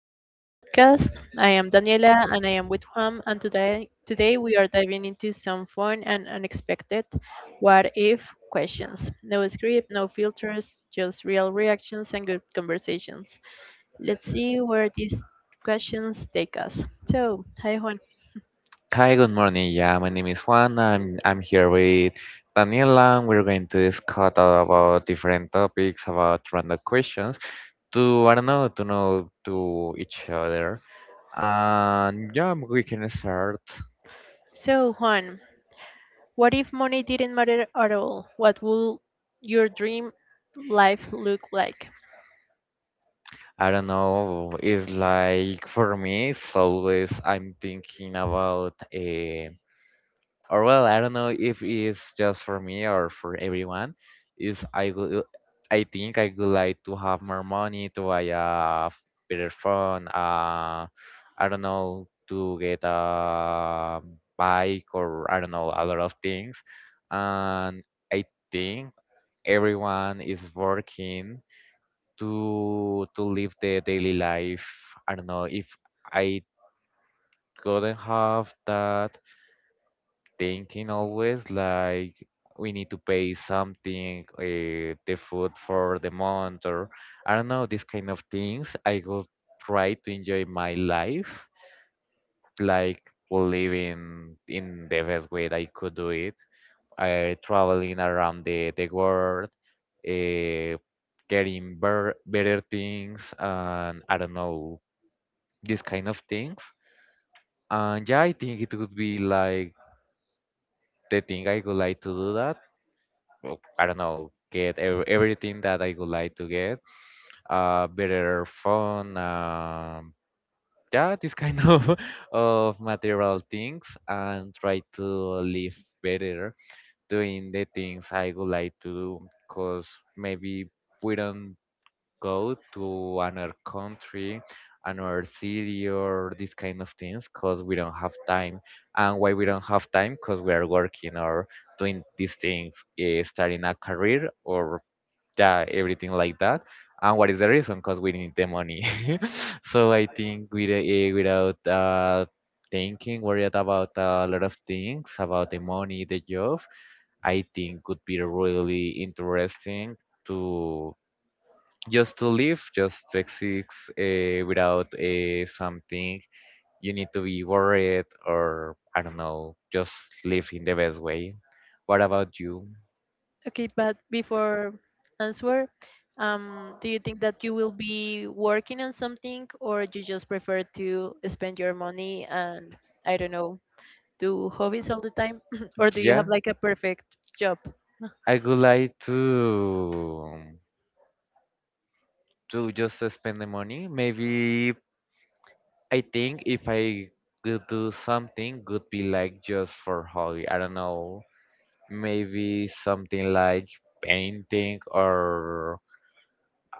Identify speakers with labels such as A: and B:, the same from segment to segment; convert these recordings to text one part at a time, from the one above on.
A: another podcast. I am Daniela and I am with Juan and today we are diving into some fun and unexpected what if questions. No script, no filters, just real reactions and good conversations. Let's see where these questions take us. So, hi Juan.
B: Hi, good morning. Yeah, my name is Juan. I'm here with Daniela, and we're going to discuss about different topics, about random questions to I don't know, to know to each other. And yeah, we can start.
A: So, Juan, what if money didn't matter at all? What would your dream life look like?
B: I don't know. It's like for me, it's always I'm thinking about or well, I don't know if it's just for me or for everyone, is I would, I think I would like to have more money to buy a better phone, uh, I don't know, to get a bike or I don't know, a lot of things. And I think everyone is working to live their daily life. I don't know if I couldn't have that thinking always like we need to pay something, the food for the month, or I don't know, these kind of things. I go try to enjoy my life, like living in the best way that I could do it. I traveling around the world, uh, getting better things, and I don't know, these kind of things. And yeah, I think it would be like the thing I would like to do that well, I don't know, get everything that I would like to get, better phone, yeah, this kind of of material things, and try to live better doing the things I would like to do, cause maybe we don't go to another country, another city, or this kind of things, cause we don't have time. And why we don't have time? Cause we are working or doing these things, starting a career or yeah, everything like that. And what is the reason? Because we need the money. So I think with, without thinking, worried about a lot of things, about the money, the job, I think could be really interesting to just to live, just to exist without something you need to be worried or I don't know, just live in the best way. What about you?
A: Okay, but before answer, do you think that you will be working on something or you just prefer to spend your money and I don't know, do hobbies all the time? Or do you
B: Yeah,
A: have like a perfect job?
B: I would like to. To just spend the money. Maybe I think if I could do something, could be like just for hobby. I don't know. Maybe something like painting or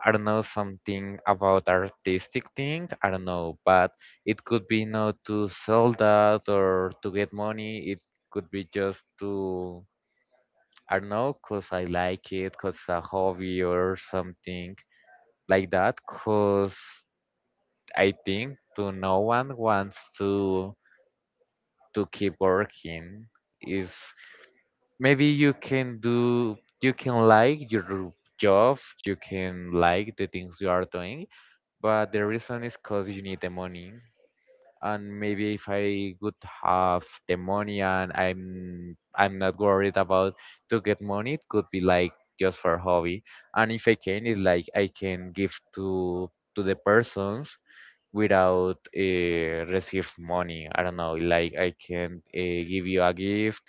B: I don't know something about artistic thing. I don't know, but it could be not to sell that or to get money. It could be just to I don't know, cause I like it, cause it's a hobby or something like that. Cause I think to no one wants to keep working is maybe you can do you can like your job, you can like the things you are doing, but the reason is because you need the money. And maybe if I would have the money and I'm not worried about to get money, it could be like just for hobby. And if I can, it's like I can give to the persons without receive money. I don't know, like I can give you a gift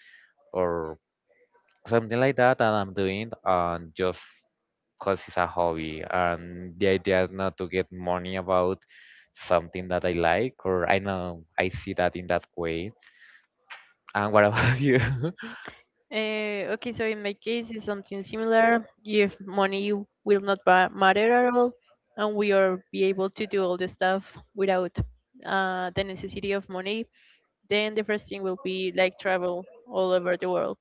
B: or something like that, and I'm doing and just cause it's a hobby. And the idea is not to get money about something that I like, or I know I see that in that way. And what about you?
A: Okay, so in my case, it's something similar. If money will not ba- matter at all, and we are be able to do all the stuff without the necessity of money, then the first thing will be like travel all over the world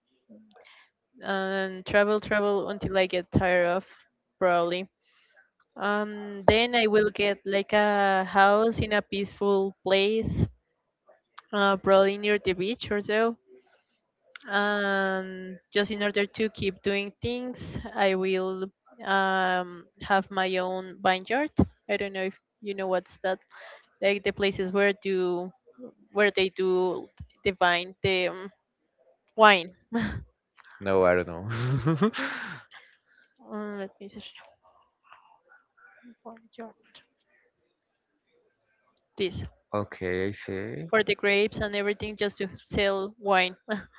A: and travel until I get tired of probably. Then I will get like a house in a peaceful place, probably near the beach or so. And just in order to keep doing things, I will have my own vineyard. I don't know if you know what's that. Like the places where do where they do the vine the wine.
B: No, I don't know.
A: Let me search vineyard. This.
B: Okay, I see.
A: For the grapes and everything just to sell wine.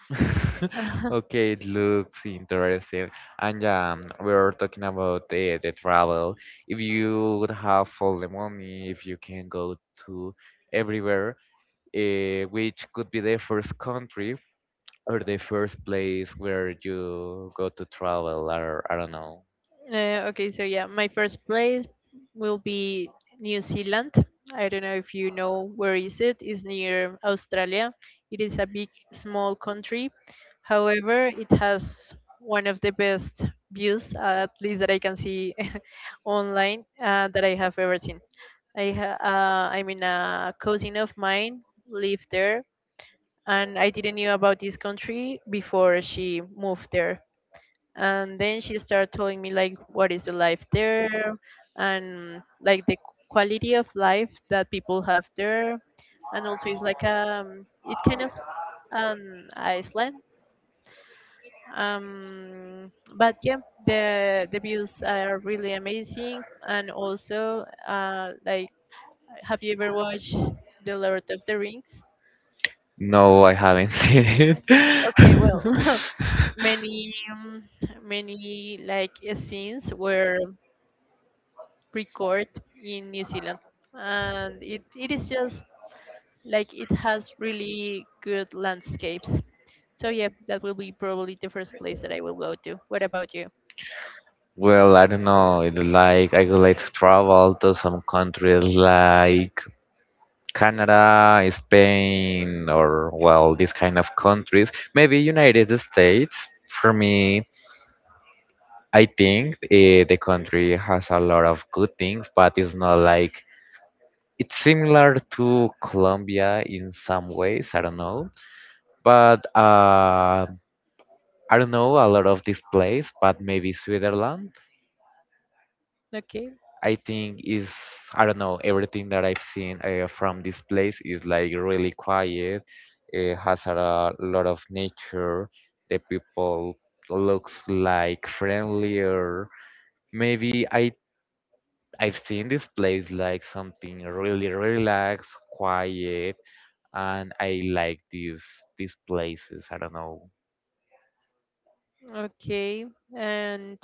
B: Okay, it looks interesting. And yeah, we were talking about the travel. If you would have all the money, if you can go to everywhere, which could be the first country or the first place where you go to travel, or I don't know.
A: Okay, so yeah, my first place will be New Zealand. I don't know if you know where is it. It's near Australia. It is a big, small country. However, it has one of the best views, at least that I can see online, that I have ever seen. I mean, a cousin of mine lived there and I didn't knew about this country before she moved there. And then she started telling me like what is the life there and like the quality of life that people have there. And also it's like it's kind of an Iceland. Um, but yeah, the views are really amazing, and also like have you ever watched The Lord of the Rings?
B: No, I haven't seen it.
A: Okay, well many um, many like scenes were recorded in New Zealand, and it is just like it has really good landscapes. So yeah, that will be probably the first place that I will go to. What about you?
B: Well, I don't know. It's like I would like to travel to some countries like Canada, Spain, or well, these kind of countries. Maybe United States. For me, I think the country has a lot of good things, but it's not like it's similar to Colombia in some ways. I don't know, but I don't know a lot of this place, but maybe Switzerland.
A: Okay,
B: I think is I don't know everything that I've seen from this place is like really quiet. It has a lot of nature. The people looks like friendlier. Maybe I've seen this place like something really relaxed, quiet, and I like these places. I don't know.
A: okay. And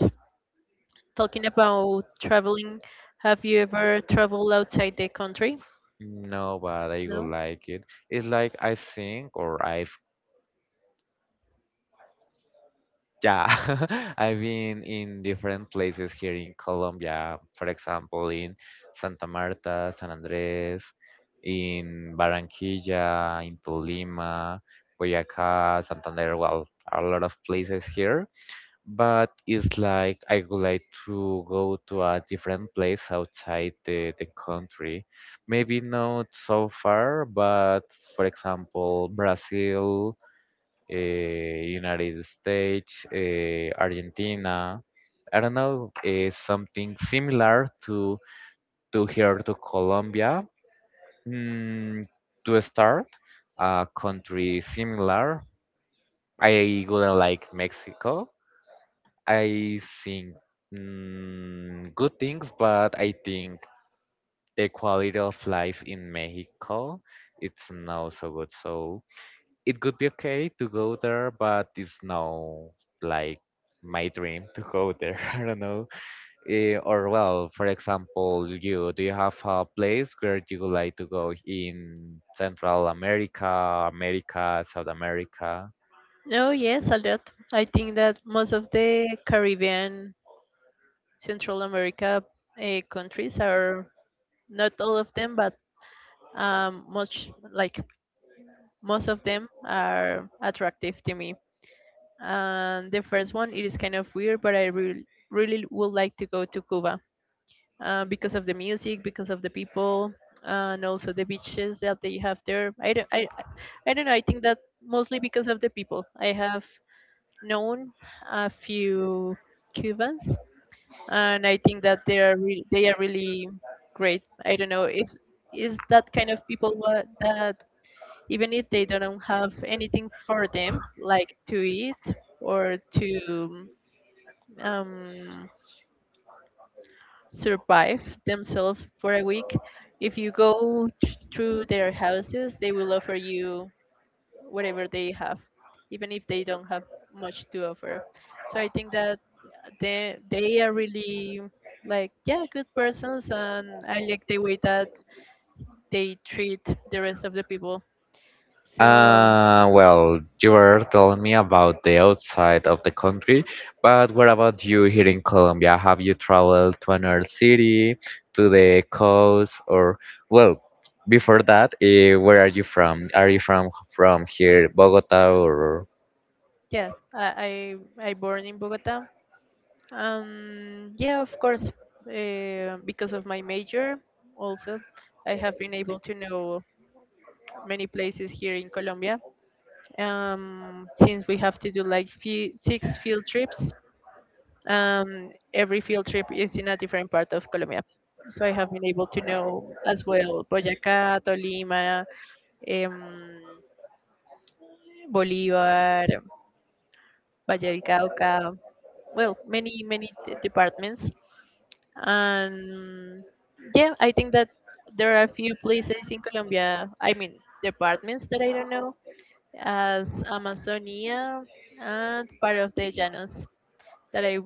A: talking about traveling, have you ever traveled outside the country?
B: No, but I will
A: No.
B: like it. It's like I think or I've yeah, I've been in different places here in Colombia. For example, in Santa Marta, San Andres, in Barranquilla, in Tolima, Boyacá, Santander. Well, a lot of places here. But it's like I would like to go to a different place outside the country. Maybe not so far, but for example, Brazil United States, Argentina. I don't know, something similar to here to Colombia mm, to start a country similar. I wouldn't like Mexico. I think good things, but I think the quality of life in Mexico it's not so good. So it could be okay to go there, but it's no like my dream to go there. I don't know. Or well, for example, you do you have a place where you would like to go in Central America, America, South America?
A: No, yes, a lot. I think that most of the Caribbean Central America countries are not all of them, but much like most of them are attractive to me. And the first one, it is kind of weird, but really would like to go to Cuba because of the music, because of the people, and also the beaches that they have there. I don't know. I think that mostly because of the people. I have known a few Cubans and I think that they are really great. I don't know if is that kind of people what, that even if they don't have anything for them, like to eat or to um, survive themselves for a week, if you go through their houses, they will offer you whatever they have, even if they don't have much to offer. So I think that they are really like yeah good persons, and I like the way that they treat the rest of the people, so
B: Well, you were telling me about the outside of the country, but what about you here in Colombia? Have you traveled to another city, to the coast, or well, before that, where are you from? Are you from here, Bogota, or
A: yeah. I born in Bogota, um, yeah, of course, because of my major. Also, I have been able to know many places here in Colombia, um, since we have to do like six field trips. Every field trip is in a different part of Colombia. So I have been able to know as well Boyacá, Tolima, um, Bolívar, Valle del Cauca, well, many, many departments. And yeah, I think that there are a few places in Colombia, I mean, departments that I don't know, as Amazonia and part of the Llanos, that I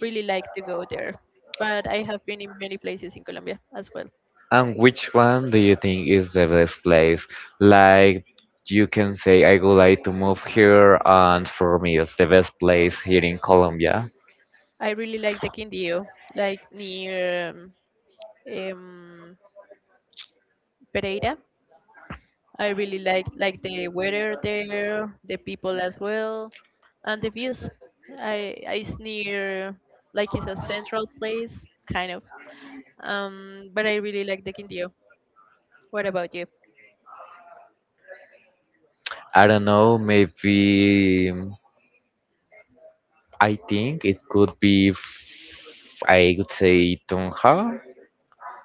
A: really like to go there. But I have been in many places in Colombia as well.
B: and which one do you think is the best place? Like you can say, I would like to move here, and for me, it's the best place here in Colombia.
A: I really like the Quindío, like near um, Pereira. I really like the weather there, the people as well, and the views. I it's near like it's a central place kind of. But I really like the Quindío. What about you?
B: I don't know, maybe. I think it could be, I would say Tonha.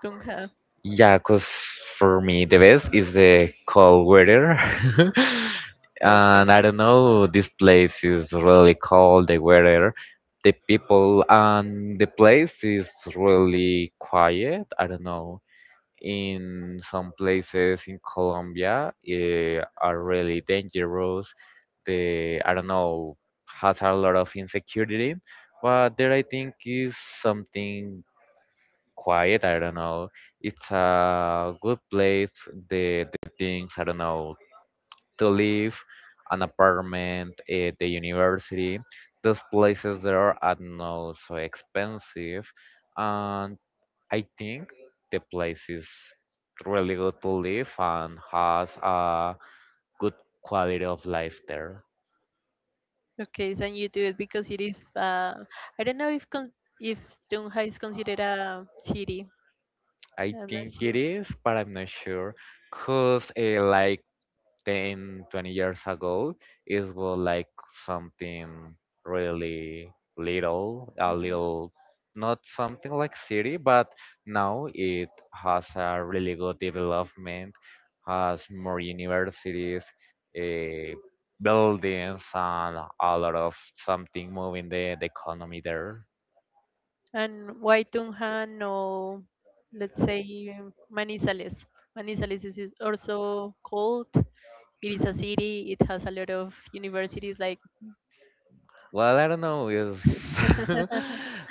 A: Tunja.
B: Yeah, because for me the best is the cold weather. And I don't know, this place is really cold, the weather, the people, and the place is really quiet. I don't know. In some places in Colombia, are really dangerous the I don't know has a lot of insecurity, but there I think is something quiet. I don't know. It's a good place. The things I don't know to live, an apartment, the university. Those places there are not so expensive, and I think the place is really good to live and has a good quality of life there.
A: Okay, so you do it because it is. I don't know if con if Tunja is considered a city.
B: I
A: I'm not
B: think it
A: sure.
B: is, but I'm not sure. Cause like 10, 20 years ago, it was like something really little, a
A: Mhm.
B: little, not something like city, but now it has a really good development, has more universities, uh, buildings, and a lot of something moving the economy there.
A: And why Tunja? No, let's say Manizales. Manizales is also called. It is a city. It has a lot of universities. Like,
B: Well, I don't know. Is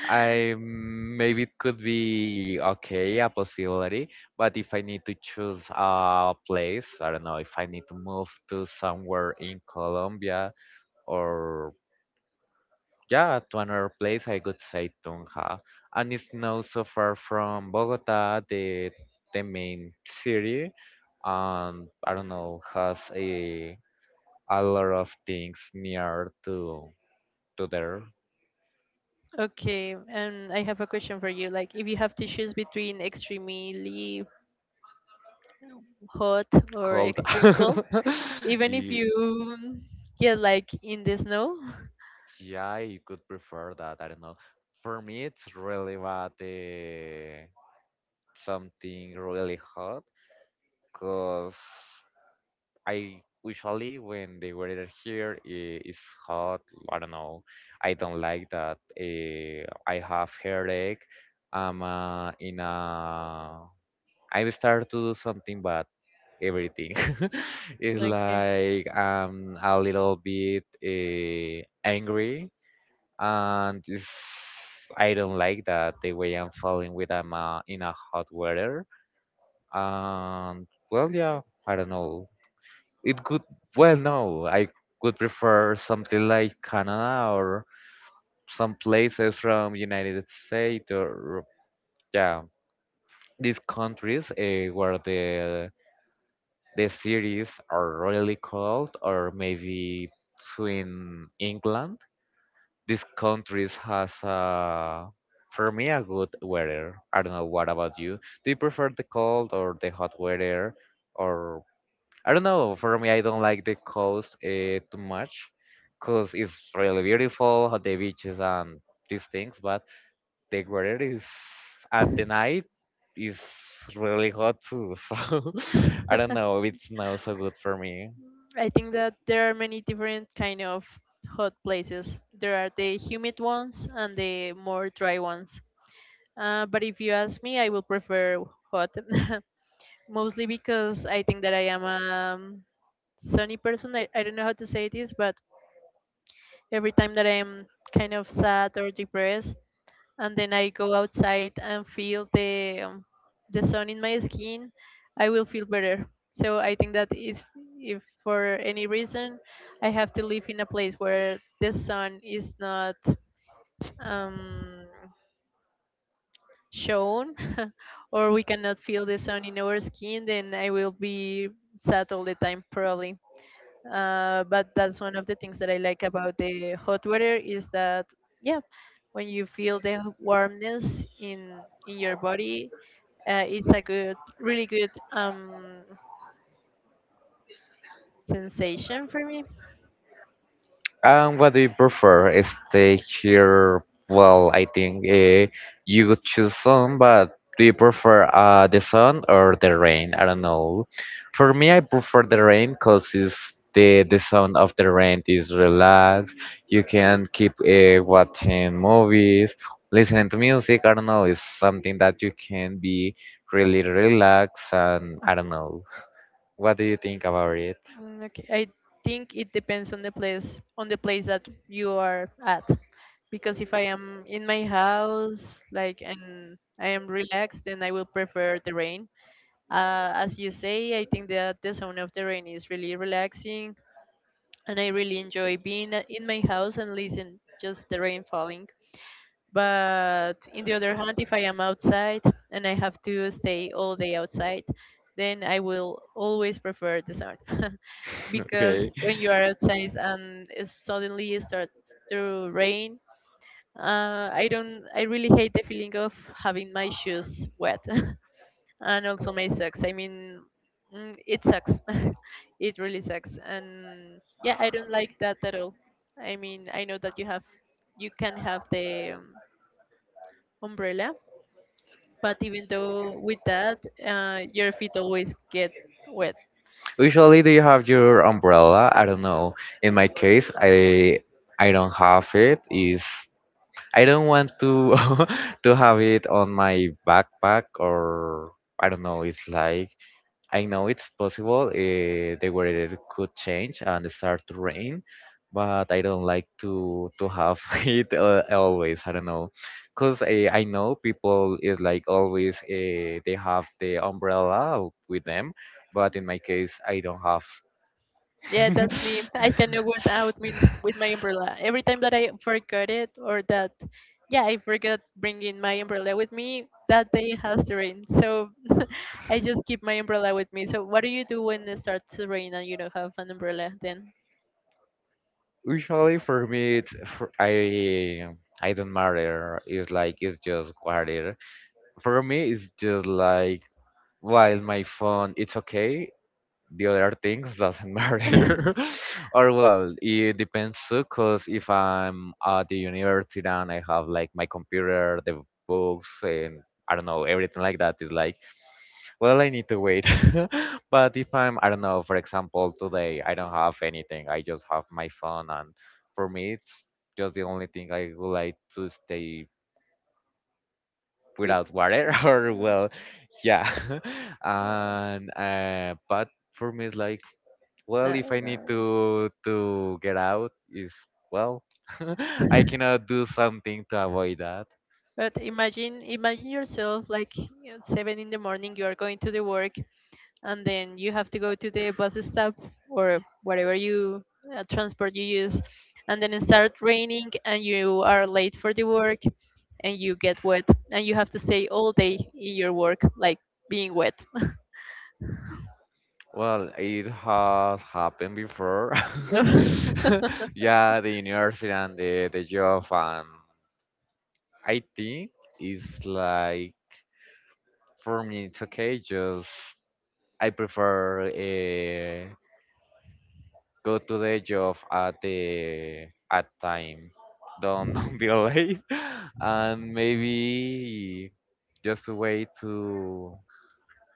B: I maybe it could be okay, a possibility. But if I need to choose a place, I don't know. If I need to move to somewhere in Colombia or yeah, to another place, I could say Tunja, and it's not so far from Bogota, the main city, and I don't know has a lot of things near to there.
A: okay, and I have a question for you. Like, if you have to choose between extremely hot or
B: Cold.
A: extreme cold, even if
B: Ye-
A: you get like in the snow.
B: yeah, you could prefer that. I don't know. For me, it's really bad. Something really hot, cause I usually when the weather here is hot. I don't know. I don't like that. I have headache. I'm in a. I start to do something bad. Everything. It's
A: Okay.
B: like I'm a little bit angry, and it's, I don't like that the way I'm falling with I'm in a hot weather. And well, yeah, I don't know. It could well no, I would prefer something like Canada or some places from United States or yeah, these countries where the cities are really cold or maybe between England. These countries has for me a good weather. I don't know what about you. Do you prefer the cold or the hot weather or I don't know. For me, I don't like the coast too much because it's really beautiful, the beaches and these things. But the weather is at the night is really hot too. So I don't know it's not so good for me.
A: I think that there are many different kind of hot places. There are the humid ones and the more dry ones. But if you ask me, I will prefer hot, mostly because I think that I am a um, sunny person. I don't know how to say this, but every time that I am kind of sad or depressed, and then I go outside and feel the sun in my skin, I will feel better. So I think that if for any reason I have to live in a place where the sun is not um, shown, or we cannot feel the sun in our skin, then I will be sad all the time probably. Uh, but that's one of the things that I like about the hot weather is that yeah, when you feel the warmness in your body, it's a good, really good sensation for me.
B: And what do you prefer? Stay here? Well, I think you could choose sun, but do you prefer the sun or the rain? I don't know. For me, I prefer the rain because it's the sound of the rain is relaxed. You can keep watching movies, listening to music. I don't know. It's something that you can be really relaxed, and I don't know. What do you think about it?
A: Mm, okay, I think it depends on the place that you are at, because if I am in my house like and I am relaxed, then I will prefer the rain. As you say, I think that the sound of the rain is really relaxing, and I really enjoy being in my house and listen just the rain falling. But in the other hand, if I am outside and I have to stay all day outside, then I will always prefer the sun. Because when you are outside and it suddenly starts to rain, I don't. I really hate the feeling of having my shoes wet. And also may sucks I mean mm, it sucks. It really sucks, and yeah, I don't like that at all. I mean, I know that you have you can have the umbrella, but even though with that, your feet always get wet.
B: Usually, do you have your umbrella? I don't know. In my case, I don't have it. Is I don't want to to have it on my backpack or I don't know. It's like I know it's possible. The weather could change and start to rain, but I don't like to have it always. I don't know, cause I know people is like always they have the umbrella with them but in my case I don't have
A: Yeah, that's me. I cannot go out with my umbrella. Every time that I forgot it or that, yeah, I forgot bringing my umbrella with me, that day has to rain. So I just keep my umbrella with me. So what do you do when it starts to rain and you don't have an umbrella then?
B: Usually for me, it's, for, I don't matter. It's like it's just water. For me, it's just like while my phone, it's okay. The other things doesn't matter. Or well, it depends too. Cause if I'm at the university and I have like my computer, the books, and I don't know everything like that is like, well, I need to wait. But if I'm, I don't know, for example, today I don't have anything. I just have my phone, and for me, it's just the only thing I would like to stay
A: We,
B: without water. Or well, yeah. And but for me, it's like, well,
A: no,
B: if I
A: no.
B: need to get out, is well, I cannot do something to avoid that.
A: But imagine yourself like at 7 in the morning, you are going to the work and then you have to go to the bus stop or whatever you transport you use and then it start raining and you are late for the work and you get wet and you have to stay all day in your work like being wet.
B: Well, it has happened before. Yeah, the university and the job, and I think it's like for me, it's okay. Just I prefer go to the job at the at time. Don't don't be late, and maybe just wait to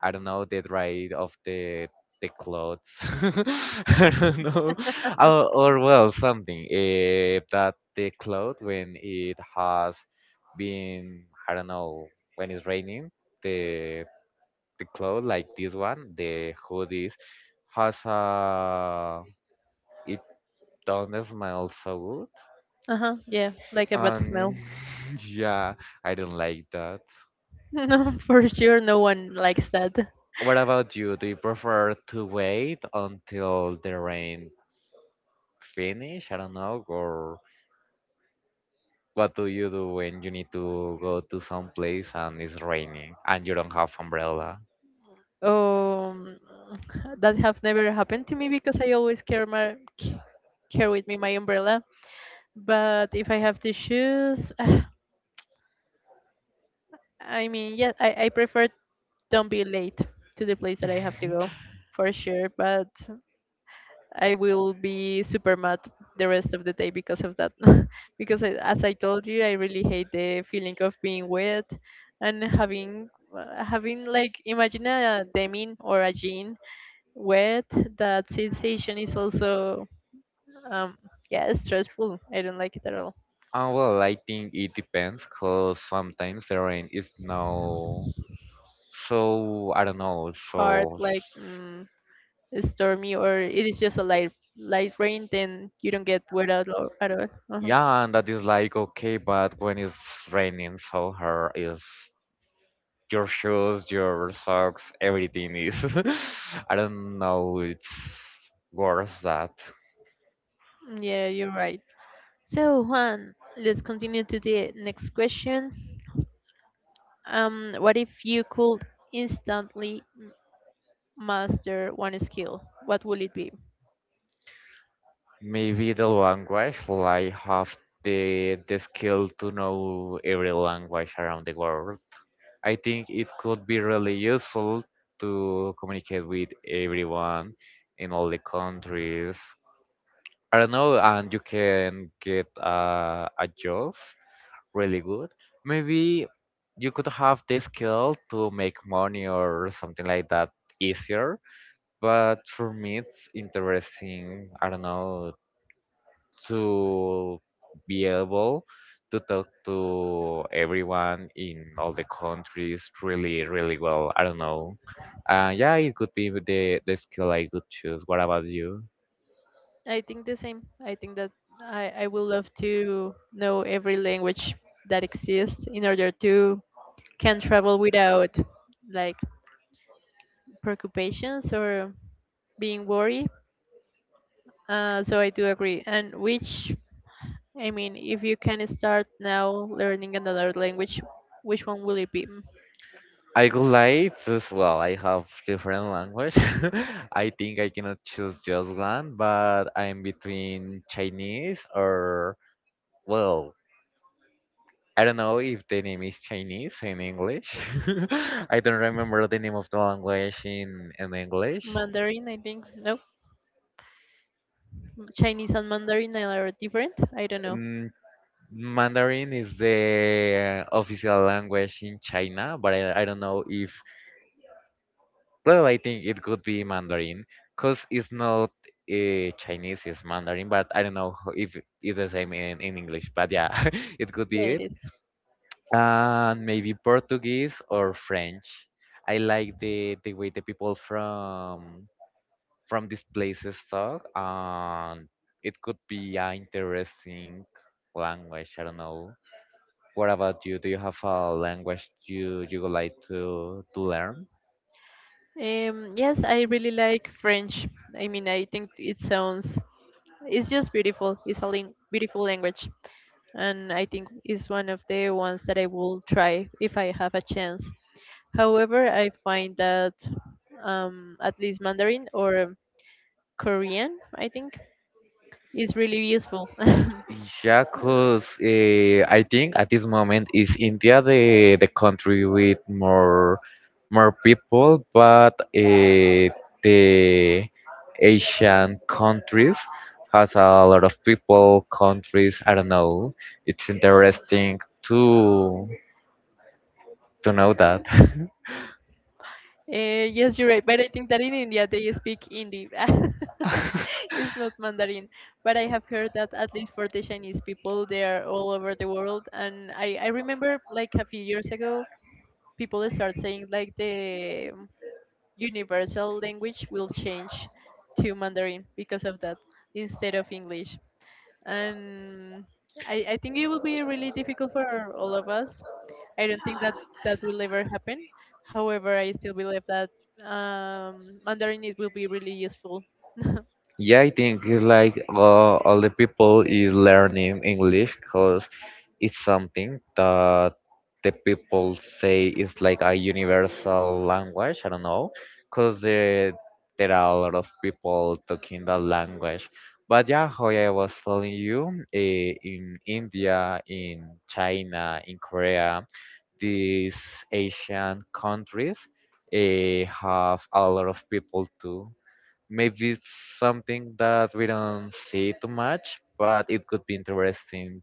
B: I don't know the rate of the clothes. I don't know, or well, something that the cloth when it has been I don't know when it's raining the the cloth like this one the hoodies has a it doesn't smell so good
A: Uh-huh, yeah, like a bad
B: and
A: smell.
B: yeah I don't like that.
A: No, for sure no one likes that.
B: What about you? Do you prefer to wait until the rain finish? I don't know. Or what do you do when you need to go to some place and it's raining and you don't have umbrella?
A: Um, that have never happened to me because I always carry carry with me my umbrella. But if I have to choose I mean, yeah, I prefer don't be late to the place that I have to go, for sure. But I will be super mad the rest of the day because of that. Because I, as I told you, I really hate the feeling of being wet and having having like imagine a denim or a jean wet. That sensation is also um yeah stressful. I don't like it at all.
B: Well, I think it depends because sometimes the rain is no. So I don't know.
A: Hard
B: So
A: like mm, stormy or it is just a light rain then you don't get wet at all at all. Uh-huh.
B: yeah, and that is like okay, but when it's raining so hard, is your shoes, your socks, everything is. I don't know. It's worse that.
A: Yeah, you're right. So, Juan, let's continue to the next question. What if you could instantly master one skill? What will it be?
B: Maybe the language, like have the skill to know every language around the world. I think it could be really useful to communicate with everyone in all the countries. I don't know, and you can get a job really good. Maybe you could have the skill to make money or something like that easier. But for me, it's interesting. I don't know to be able to talk to everyone in all the countries really, really well. I don't know. Yeah, it could be with the skill I could choose. What about you?
A: I think the same. I think that I would love to know every language that exists in order to can travel without like preoccupations or being worried. So I do agree. And which, I mean, if you can start now learning another language, which one will it be?
B: I would like to, well, I have different language. I think I cannot choose just one, but I'm between Chinese or, well, I don't know if the name is Chinese in English. I don't remember the name of the language in English.
A: Mandarin, I think. No, Chinese and Mandarin are different. I don't know.
B: Mm, Mandarin is the official language in China, but I don't know if, well, I think it could be Mandarin because it's not Chinese, it's Mandarin, but I don't know if it's the same in English, but yeah, it could
A: Yeah,
B: be
A: it
B: it.
A: is.
B: And maybe Portuguese or French. I like the way the people from these places talk, and it could be an interesting language. I don't know. What about you? Do you have a language you would like to learn?
A: Yes, I really like French. I mean, I think it sounds, it's just beautiful. It's a beautiful language. And I think it's one of the ones that I will try if I have a chance. However, I find that at least Mandarin or Korean, I think, is really useful.
B: Yeah, cause I think at this moment is India the country with more more people, but the Asian countries has a lot of people, countries. I don't know. It's interesting to to know that.
A: Yes, you're right, but I think that in India they speak Hindi. It's not Mandarin, but I have heard that at least for the Chinese people, they are all over the world. And I remember like a few years ago, people start saying like the universal language will change to Mandarin because of that instead of English. And I think it will be really difficult for all of us. I don't think that that will ever happen. However, I still believe that Mandarin it will be really useful.
B: Yeah, I think it's like all the people is learning English because it's something that the people say is like a universal language. I don't know, because there are a lot of people talking that language. But yeah, how I was telling you, in India, in China, in Korea, these Asian countries have a lot of people too. Maybe it's something that we don't see too much, but it could be interesting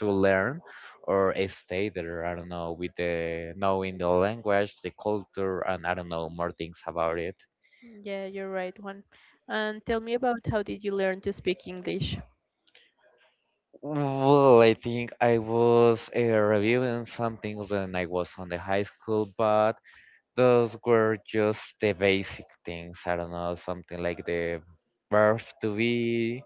B: to learn or stay there. I don't know, with the knowing the language, the culture, and I don't know more things about it.
A: Yeah, you're right, Juan. And tell me about how did you learn to speak English?
B: Well, I think I was reviewing some things when I was on the high school, but those were just the basic things. I don't know, something like the verb to be,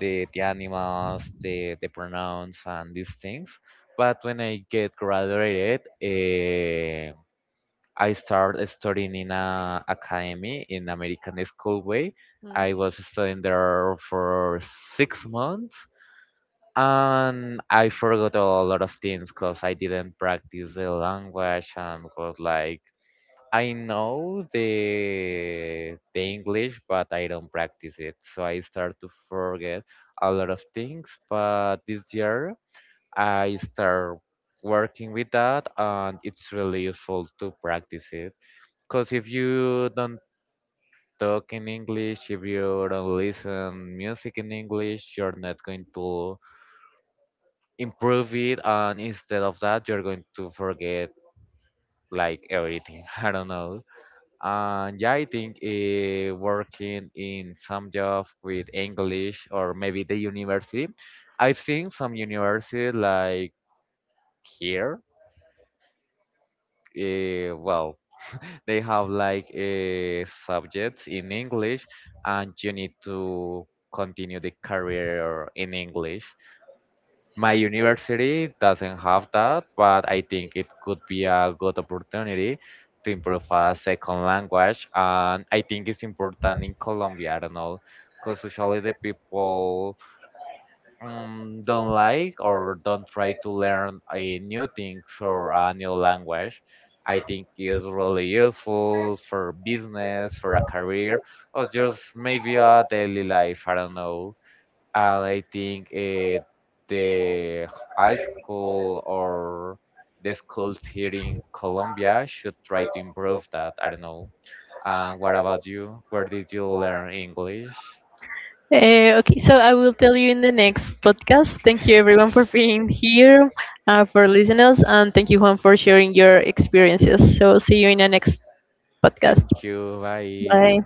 B: the animals, the pronouns, and these things. But when I get graduated, I started studying in a academy in American school way.
A: Mm.
B: I was studying there for 6 months, and I forgot a lot of things because I didn't practice the language and was like I know the English, but I don't practice it, so I start to forget a lot of things. But this year, I start working with that, and it's really useful to practice it. Because if you don't talk in English, if you don't listen music in English, you're not going to improve it, and instead of that, you're going to forget like everything. I don't know. And yeah, I think working in some job with English or maybe the university, I've seen some universities like here. Well, they have like subjects in English, and you need to continue the career in English. My university doesn't have that, but I think it could be a good opportunity to improve a second language. And I think it's important in Colombia, I don't know, because usually the people don't like or don't try to learn a new things or a new language. I think it's really useful for business, for a career, or just maybe a daily life. I don't know and I think the high school or the schools here in Colombia should try to improve that. I don't know. And what about you? Where did you learn English?
A: Okay, so I will tell you in the next podcast. Thank you everyone for being here, for listeners, and thank you Juan for sharing your experiences. So see you in the next podcast.
B: Thank you. Bye.
A: Bye.